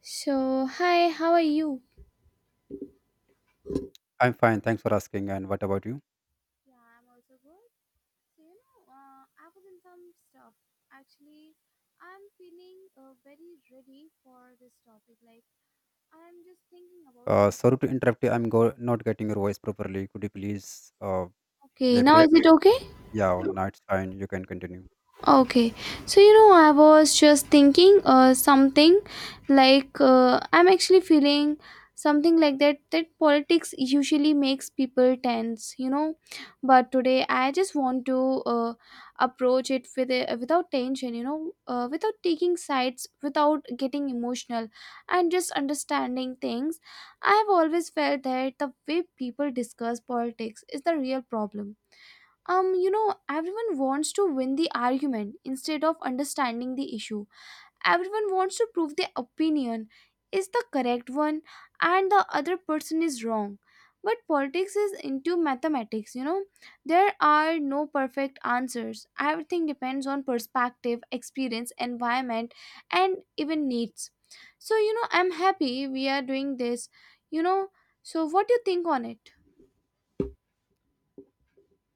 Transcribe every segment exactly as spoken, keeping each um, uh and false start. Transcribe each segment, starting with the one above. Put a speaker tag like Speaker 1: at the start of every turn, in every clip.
Speaker 1: So, hi, how are you?
Speaker 2: I'm fine. Thanks for asking. And what about you?
Speaker 1: Yeah, I'm also good. So, you know, uh, I was in some stuff. Actually, I'm feeling uh, very ready for this topic. Like, I'm just thinking about
Speaker 2: Uh,
Speaker 1: something.
Speaker 2: sorry to interrupt you. I'm go- not getting your voice properly. Could you please uh,
Speaker 1: Okay, now
Speaker 2: elaborate?
Speaker 1: is it okay?
Speaker 2: Yeah, no, it's fine. You can continue.
Speaker 1: Okay, so you know, I was just thinking uh, something like uh, I'm actually feeling something like that that politics usually makes people tense, you know, but today I just want to uh, approach it with a, without tension, you know, uh, without taking sides, without getting emotional, and just understanding things. I've always felt that the way people discuss politics is the real problem. Um, you know, everyone wants to win the argument instead of understanding the issue. Everyone wants to prove their opinion is the correct one and the other person is wrong. But politics is into mathematics, you know. There are no perfect answers. Everything depends on perspective, experience, environment, and even needs. So, you know, I'm happy we are doing this, you know. So, what do you think on it?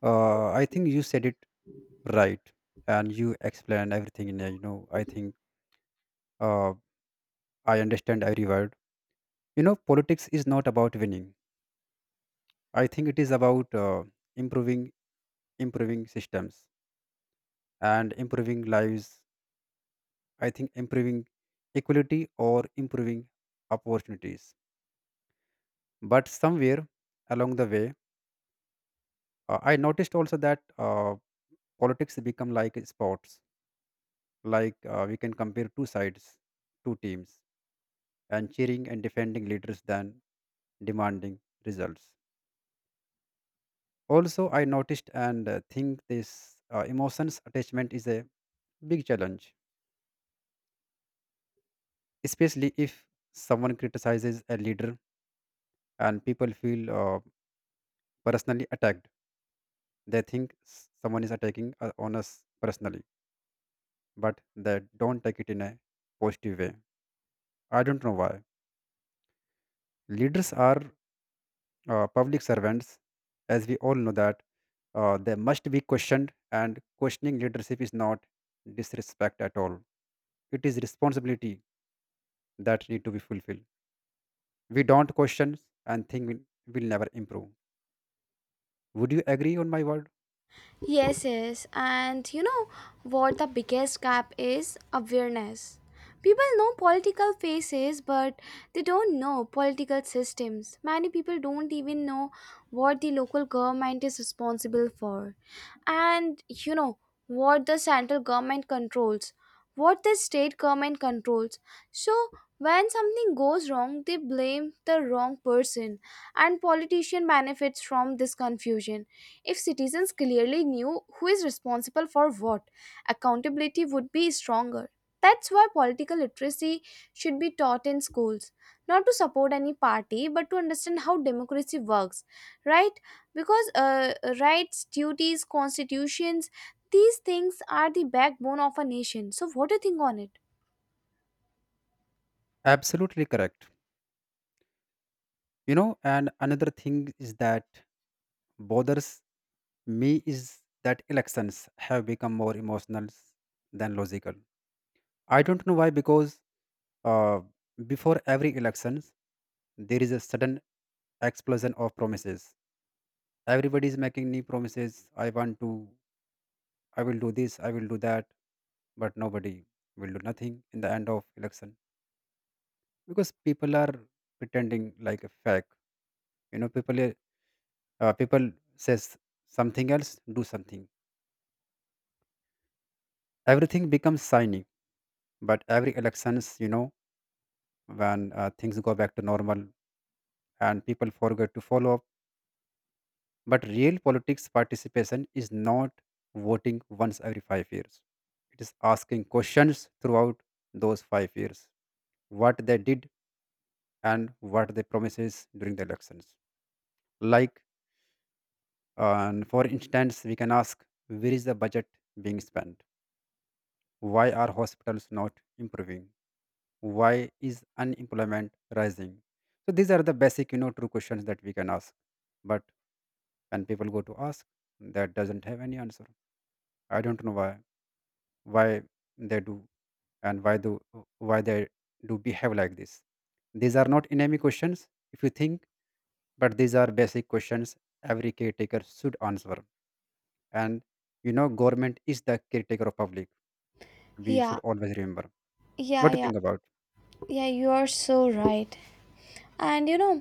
Speaker 2: Uh, I think you said it right, and you explained everything in there. You know, I think uh, I understand every word. You know, politics is not about winning. I think it is about uh, improving, improving systems and improving lives. I think improving equality or improving opportunities. But somewhere along the way, uh, I noticed also that uh, politics become like sports. Like uh, we can compare two sides, two teams, and cheering and defending leaders than demanding results. Also, I noticed and uh, think this uh, emotions attachment is a big challenge, especially if someone criticizes a leader and people feel uh, personally attacked. They think s- someone is attacking uh, on us personally, but they don't take it in a positive way. I don't know why. Leaders are uh, public servants, as we all know that uh, they must be questioned, and questioning leadership is not disrespect at all. It is responsibility that need to be fulfilled. We don't question and think we will never improve. Would you agree on my word?
Speaker 1: Yes, yes. And you know what the biggest gap is? Awareness. People know political faces, but they don't know political systems. Many people don't even know what the local government is responsible for. And you know what the central government controls, what the state government controls. So, when something goes wrong, they blame the wrong person, and politician benefits from this confusion if citizens clearly knew who is responsible for what, accountability would be stronger. That's why political literacy should be taught in schools, not to support any party, but to understand how democracy works, right? Because uh, rights, duties, constitutions, these things are the backbone of a nation. So, what do you think on it?
Speaker 2: Absolutely correct. You know, and another thing is that bothers me is that elections have become more emotional than logical. I don't know why, because uh, before every elections, there is a sudden explosion of promises. Everybody is making new promises. I want to, I will do this, I will do that, but nobody will do nothing in the end of election because people are pretending like a fake. You know, people uh, uh, people says something else, do something. Everything becomes shiny, but every elections, you know, when uh, things go back to normal and people forget to follow up. But real politics participation is not voting once every five years. It is asking questions throughout those five years, what they did and what they promises during the elections. Like, uh, for instance, we can ask, where is the budget being spent? Why are hospitals not improving? Why is unemployment rising? So these are the basic, you know, true questions that we can ask. But when people go to ask, that doesn't have any answer. I don't know why. Why they do and why do why they do behave like this. These are not enemy questions if you think, but these are basic questions every caretaker should answer. And you know, government is the caretaker of public. We should
Speaker 1: Yeah,
Speaker 2: always remember. What
Speaker 1: yeah,
Speaker 2: do you
Speaker 1: yeah,
Speaker 2: think about?
Speaker 1: yeah, you are so right. And you know,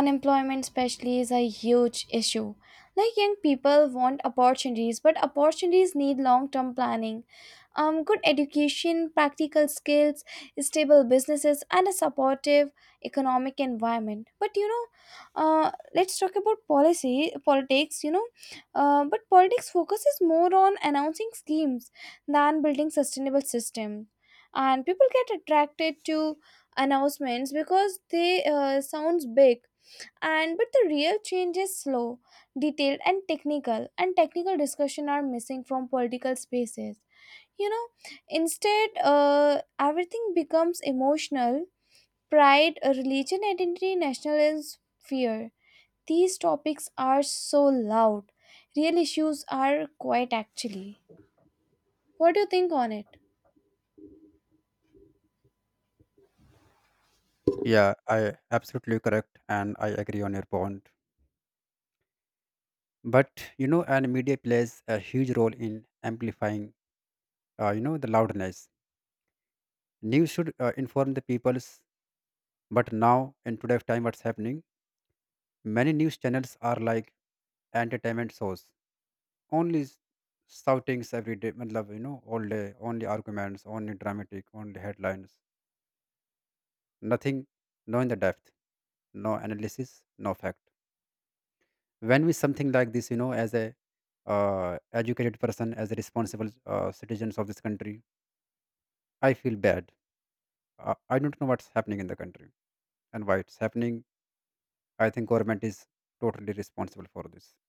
Speaker 1: unemployment especially is a huge issue, like young people want opportunities, but opportunities need long term planning, um, good education, practical skills, stable businesses, and a supportive economic environment. But you know uh, let's talk about policy politics, you know uh, but politics focuses more on announcing schemes than building sustainable system, and people get attracted to announcements because they uh, sounds big. And but the real change is slow, detailed, and technical and technical discussion are missing from political spaces, you know. Instead, uh, everything becomes emotional: pride, uh, religion, identity, nationalism, fear. These topics are so loud, real issues are quite actually. What do you think on it?
Speaker 2: Yeah, I absolutely correct and I agree on your point. But you know, and media plays a huge role in amplifying uh, you know, the loudness. News should uh, inform the peoples, but now in today's time what's happening. Many news channels are like entertainment shows, only s- shoutings every day, matlab, you know, all day, only arguments, only dramatic, only headlines, nothing, no in the depth, no analysis, no fact. When we something like this, you know, as a uh, educated person, as a responsible uh, citizens of this country, I feel bad. Uh, I don't know what's happening in the country and why it's happening. I think government is totally responsible for this.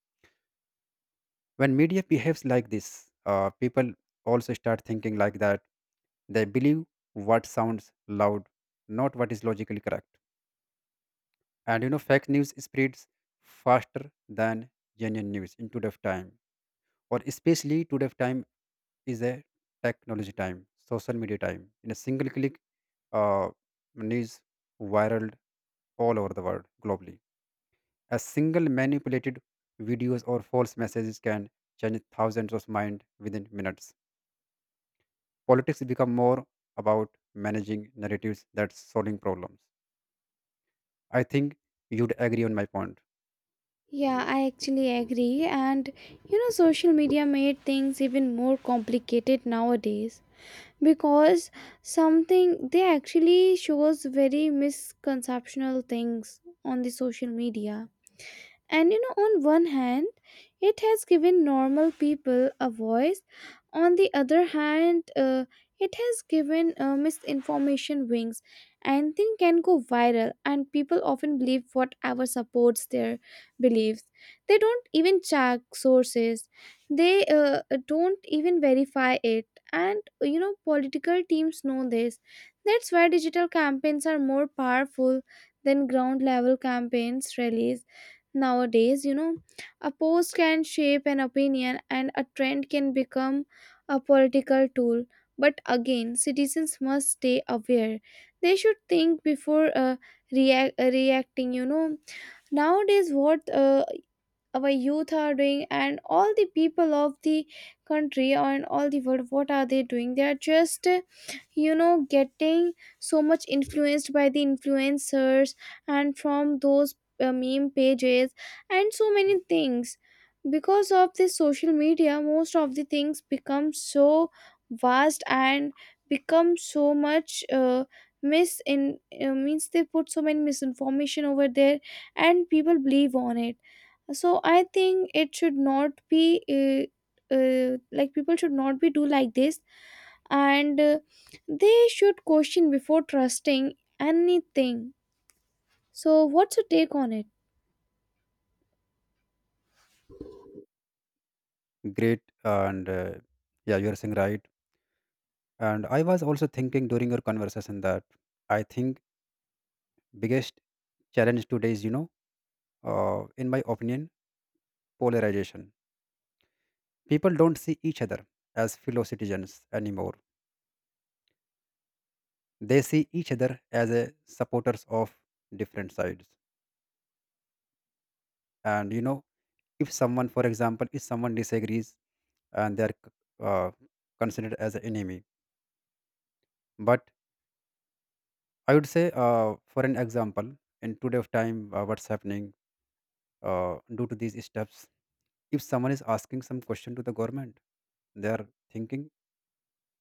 Speaker 2: When media behaves like this, uh, people also start thinking like that. They believe what sounds loud, not what is logically correct. And you know, fake news spreads faster than genuine news in today's time, or especially today's time is a technology time, social media time. In a single click, uh, news viral all over the world globally. A single manipulated videos or false messages can change thousands of mind within minutes. Politics become more about managing narratives than solving problems. I think you'd agree on my point.
Speaker 1: Yeah, I actually agree. And you know, social media made things even more complicated nowadays because something they actually shows very misconceptional things on the social media. And you know, on one hand, it has given normal people a voice. On the other hand, uh, it has given uh, misinformation wings. Anything can go viral, and people often believe whatever supports their beliefs. They don't even check sources, they uh, don't even verify it. And you know, political teams know this. That's why digital campaigns are more powerful than ground level campaigns, rallies. Nowadays, you know, a post can shape an opinion and a trend can become a political tool. But again, citizens must stay aware. They should think before uh, react, reacting, you know. Nowadays, what uh, our youth are doing, and all the people of the country and all the world, what are they doing? They are just uh, you know, getting so much influenced by the influencers, and from those uh, meme pages and so many things. Because of this social media, most of the things become so vast and become so much uh, mis in uh, means they put so many misinformation over there and people believe on it. So I think it should not be uh, uh, like, people should not be do like this. And uh, they should question before trusting anything. So what's your take on it?
Speaker 2: Great, and uh, Yeah, you're saying right. And I was also thinking during your conversation that I think biggest challenge today is, you know, uh, in my opinion, polarization. People don't see each other as fellow citizens anymore. They see each other as a supporters of different sides. And you know, if someone, for example, if someone disagrees and they are c- uh, considered as an enemy. But I would say, uh, for an example, in today's time, uh, what's happening uh, due to these steps? If someone is asking some question to the government, they are thinking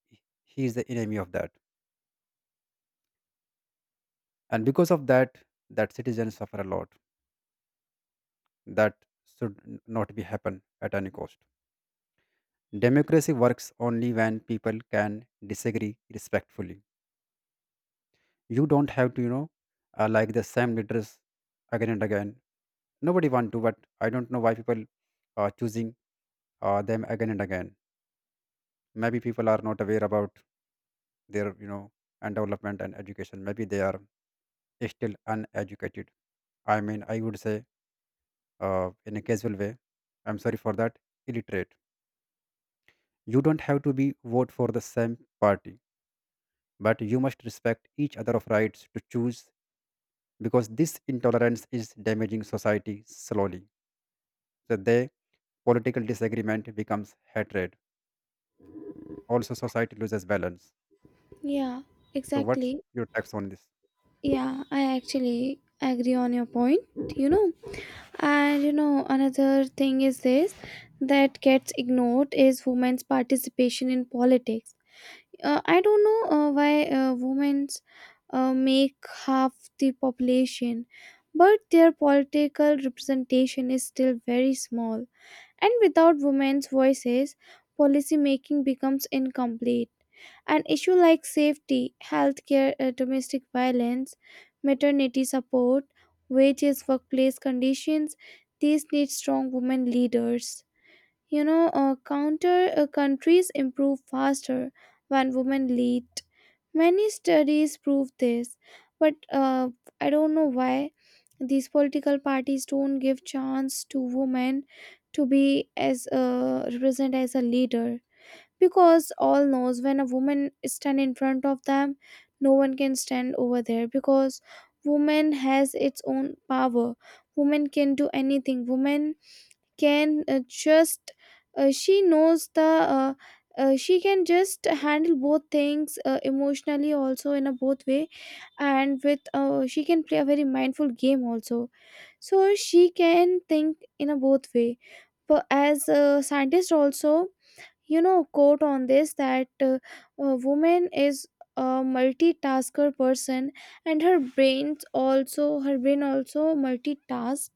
Speaker 2: he he is the enemy of that, and because of that, that citizens suffer a lot. That should n- not be happen at any cost. Democracy works only when people can disagree respectfully. You don't have to, you know, uh, like the same leaders again and again. Nobody want to, but I don't know why people are choosing uh, them again and again. Maybe people are not aware about their, you know, and development and education. Maybe they are still uneducated. I mean, I would say uh, in a casual way. I'm sorry for that. Illiterate. You don't have to be vote for the same party, but you must respect each other of rights to choose, because this intolerance is damaging society slowly. So the political disagreement becomes hatred. Also, society loses balance.
Speaker 1: Yeah,
Speaker 2: So, what's
Speaker 1: exactly.
Speaker 2: your text on this?
Speaker 1: Yeah, I actually agree on your point, you know. And you know, another thing is this that gets ignored is women's participation in politics. uh, I don't know uh, why uh, women uh, make half the population, but their political representation is still very small, and without women's voices, policy making becomes incomplete. An issue like safety, healthcare, uh, domestic violence, maternity support, wages, workplace conditions, these need strong women leaders. You know, uh, counter uh, countries improve faster when women lead. Many studies prove this, but uh, I don't know why these political parties don't give chance to women to be as uh, represent as a leader, because all knows when a woman stand in front of them, no one can stand over there because woman has its own power. Woman can do anything. Woman can uh, just uh, she knows the uh, uh, she can just handle both things, uh, emotionally also, in a both way. And with uh, she can play a very mindful game also, so she can think in a both way. But as a scientist also, you know, quote on this that uh, a woman is a multitasker person, and her brains also her brain also multitask,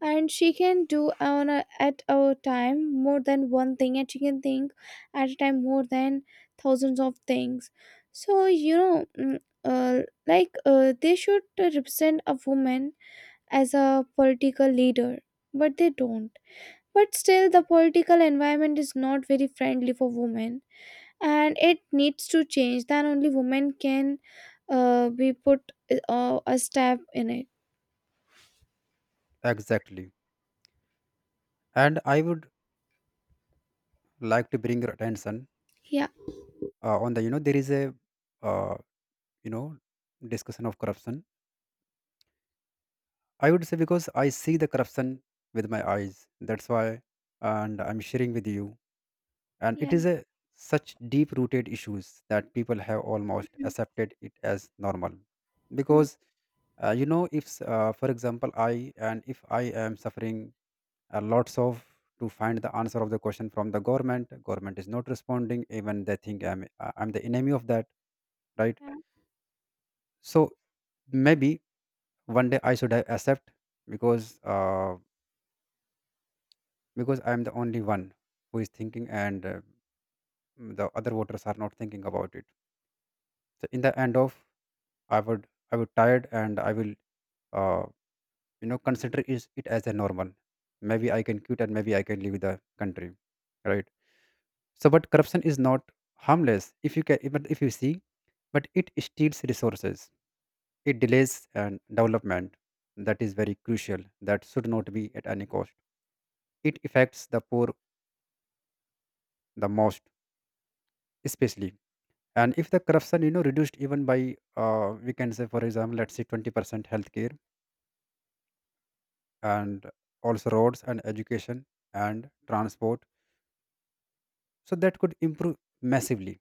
Speaker 1: and she can do on a, at a time more than one thing, and she can think at a time more than thousands of things. So you know, mm, uh, like uh, they should represent a woman as a political leader, but they don't. But still the political environment is not very friendly for women, and it needs to change. Then only women can uh, be put uh, a step in it.
Speaker 2: Exactly. And I would like to bring your attention
Speaker 1: Yeah,
Speaker 2: uh, on the, you know, there is a, uh, you know, discussion of corruption. I would say because I see the corruption with my eyes. That's why, and I'm sharing with you. And it
Speaker 1: yeah.
Speaker 2: is a such deep-rooted issues that people have almost accepted it as normal.
Speaker 1: Mhm.
Speaker 2: Because, uh, you know, if, s- uh, for example, I and if I am suffering uh, lots of to find the answer of the question from the government. Government is not responding, even they think i'm uh, I'm the enemy of that, right? So maybe one day I should accept, because uh, because I'm the only one who is thinking and uh, the other voters are not thinking about it. So in the end of, i would I would tired and I will, uh, you know, consider is it as a normal. Maybe I can quit and maybe I can leave the country, right? So, but corruption is not harmless if you can, but if you see, but it steals resources, it delays and development. That is very crucial. That should not be at any cost. It affects the poor the most, especially. And if the corruption, you know, reduced even by, uh, we can say, for example, let's say twenty percent, healthcare and also roads and education and transport, so that could improve massively.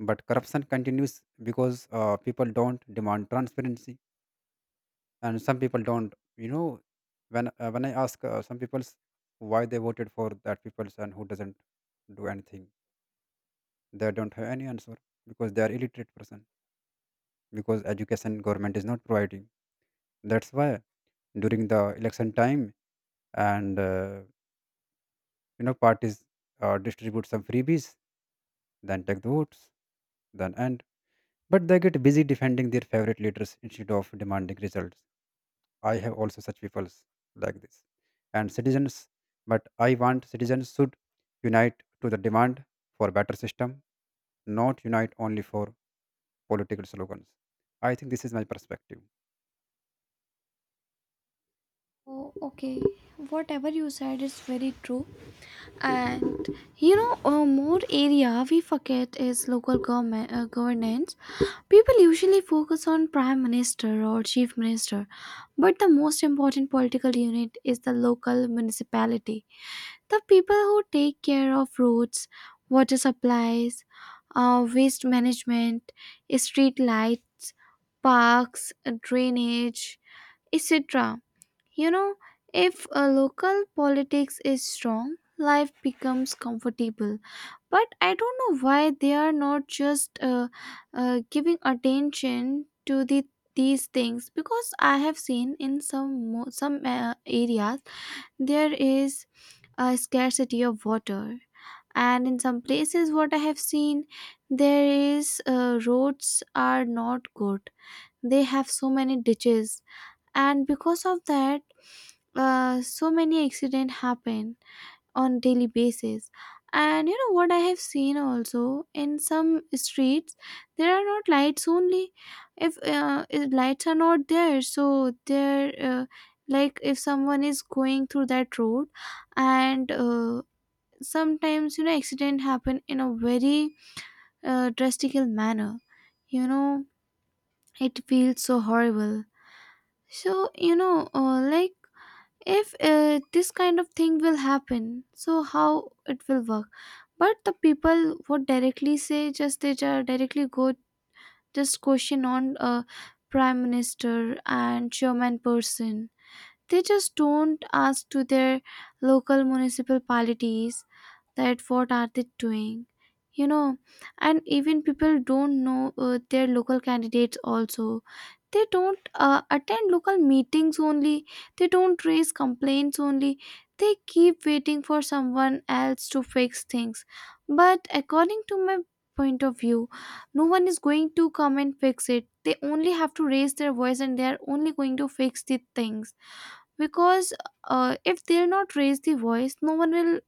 Speaker 2: But corruption continues because uh, people don't demand transparency, and some people don't, you know, when uh, when I ask uh, some people why they voted for that people and who doesn't do anything, they don't have any answer, because they are illiterate person, because education government is not providing. That's why during the election time and uh, you know, parties uh, distribute some freebies, then take the votes, then end. But they get busy defending their favorite leaders instead of demanding results. I have also such peoples like this. And citizens, but I want citizens should unite to the demand for better system, not unite only for political slogans. I think this is my perspective.
Speaker 1: Oh, okay. Whatever you said is very true. And you know, uh, more area we forget is local government uh, governance. People usually focus on prime minister or chief minister, but the most important political unit is the local municipality. The people who take care of roads, water supplies, uh, waste management, street lights, parks, drainage, etc. You know, if a local politics is strong, life becomes comfortable. But I don't know why they are not just uh, uh, giving attention to the these things, because I have seen in some mo- some uh, areas there is a scarcity of water, and in some places what I have seen, there is uh, roads are not good. They have so many ditches, and because of that, uh, so many accidents happen on daily basis. And you know what I have seen also, in some streets there are not lights only. If, uh, if lights are not there, so there uh, like if someone is going through that road and uh, sometimes you know accident happen in a very uh, drastic manner, you know. It feels so horrible. So you know, uh, like if uh, this kind of thing will happen, so how it will work? But the people would directly say, just they ju- directly go, just question on uh, prime minister and chairman person. They just don't ask to their local municipal polities that what are they doing, you know. And even people don't know uh, their local candidates also. They don't uh, attend local meetings only, they don't raise complaints only, they keep waiting for someone else to fix things. But according to my point of view, no one is going to come and fix it. They only have to raise their voice, and they are only going to fix the things, because uh, if they'll not raise the voice, no one will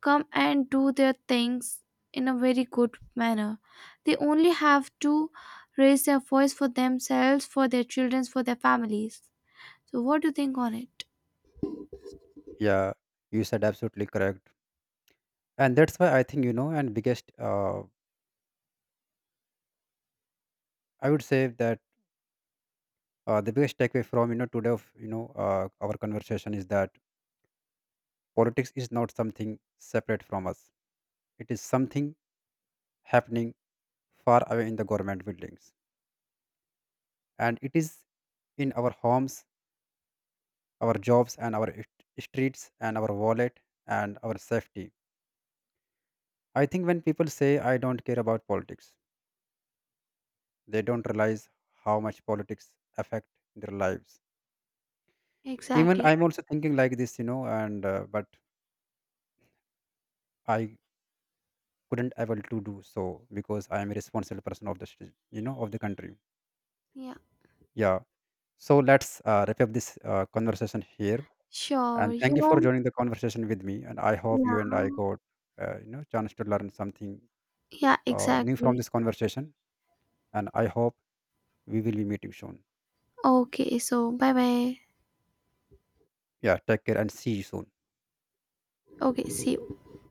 Speaker 1: come and do their things in a very good manner. They only have to raise their voice for themselves, for their children, for their families. So, what do you think on it?
Speaker 2: Yeah, you said absolutely correct. And that's why I think, you know, and biggest, uh, I would say that uh, the biggest takeaway from, you know, today of, you know, uh, our conversation is that politics is not something separate from us. It is something happening far away in the government buildings, and it is in our homes, our jobs, and our st- streets, and our wallet, and our safety. I think when people say, I don't care about politics, they don't realize how much politics affect their lives. Even
Speaker 1: Exactly.
Speaker 2: I'm also thinking like this, you know, and uh, but I couldn't able to do so because I am a responsible person of the, st- you know, of the country.
Speaker 1: Yeah.
Speaker 2: Yeah. So let's uh, wrap up this uh, conversation here.
Speaker 1: Sure.
Speaker 2: And thank
Speaker 1: You
Speaker 2: you for
Speaker 1: know,
Speaker 2: joining the conversation with me. And I hope you and
Speaker 1: yeah,
Speaker 2: I got, uh, you know, chance to learn something
Speaker 1: yeah,
Speaker 2: uh, new from
Speaker 1: exactly.
Speaker 2: this conversation. And I hope we will be meeting soon.
Speaker 1: Okay. So, bye bye.
Speaker 2: Yeah, take care and see you soon.
Speaker 1: Okay. See you.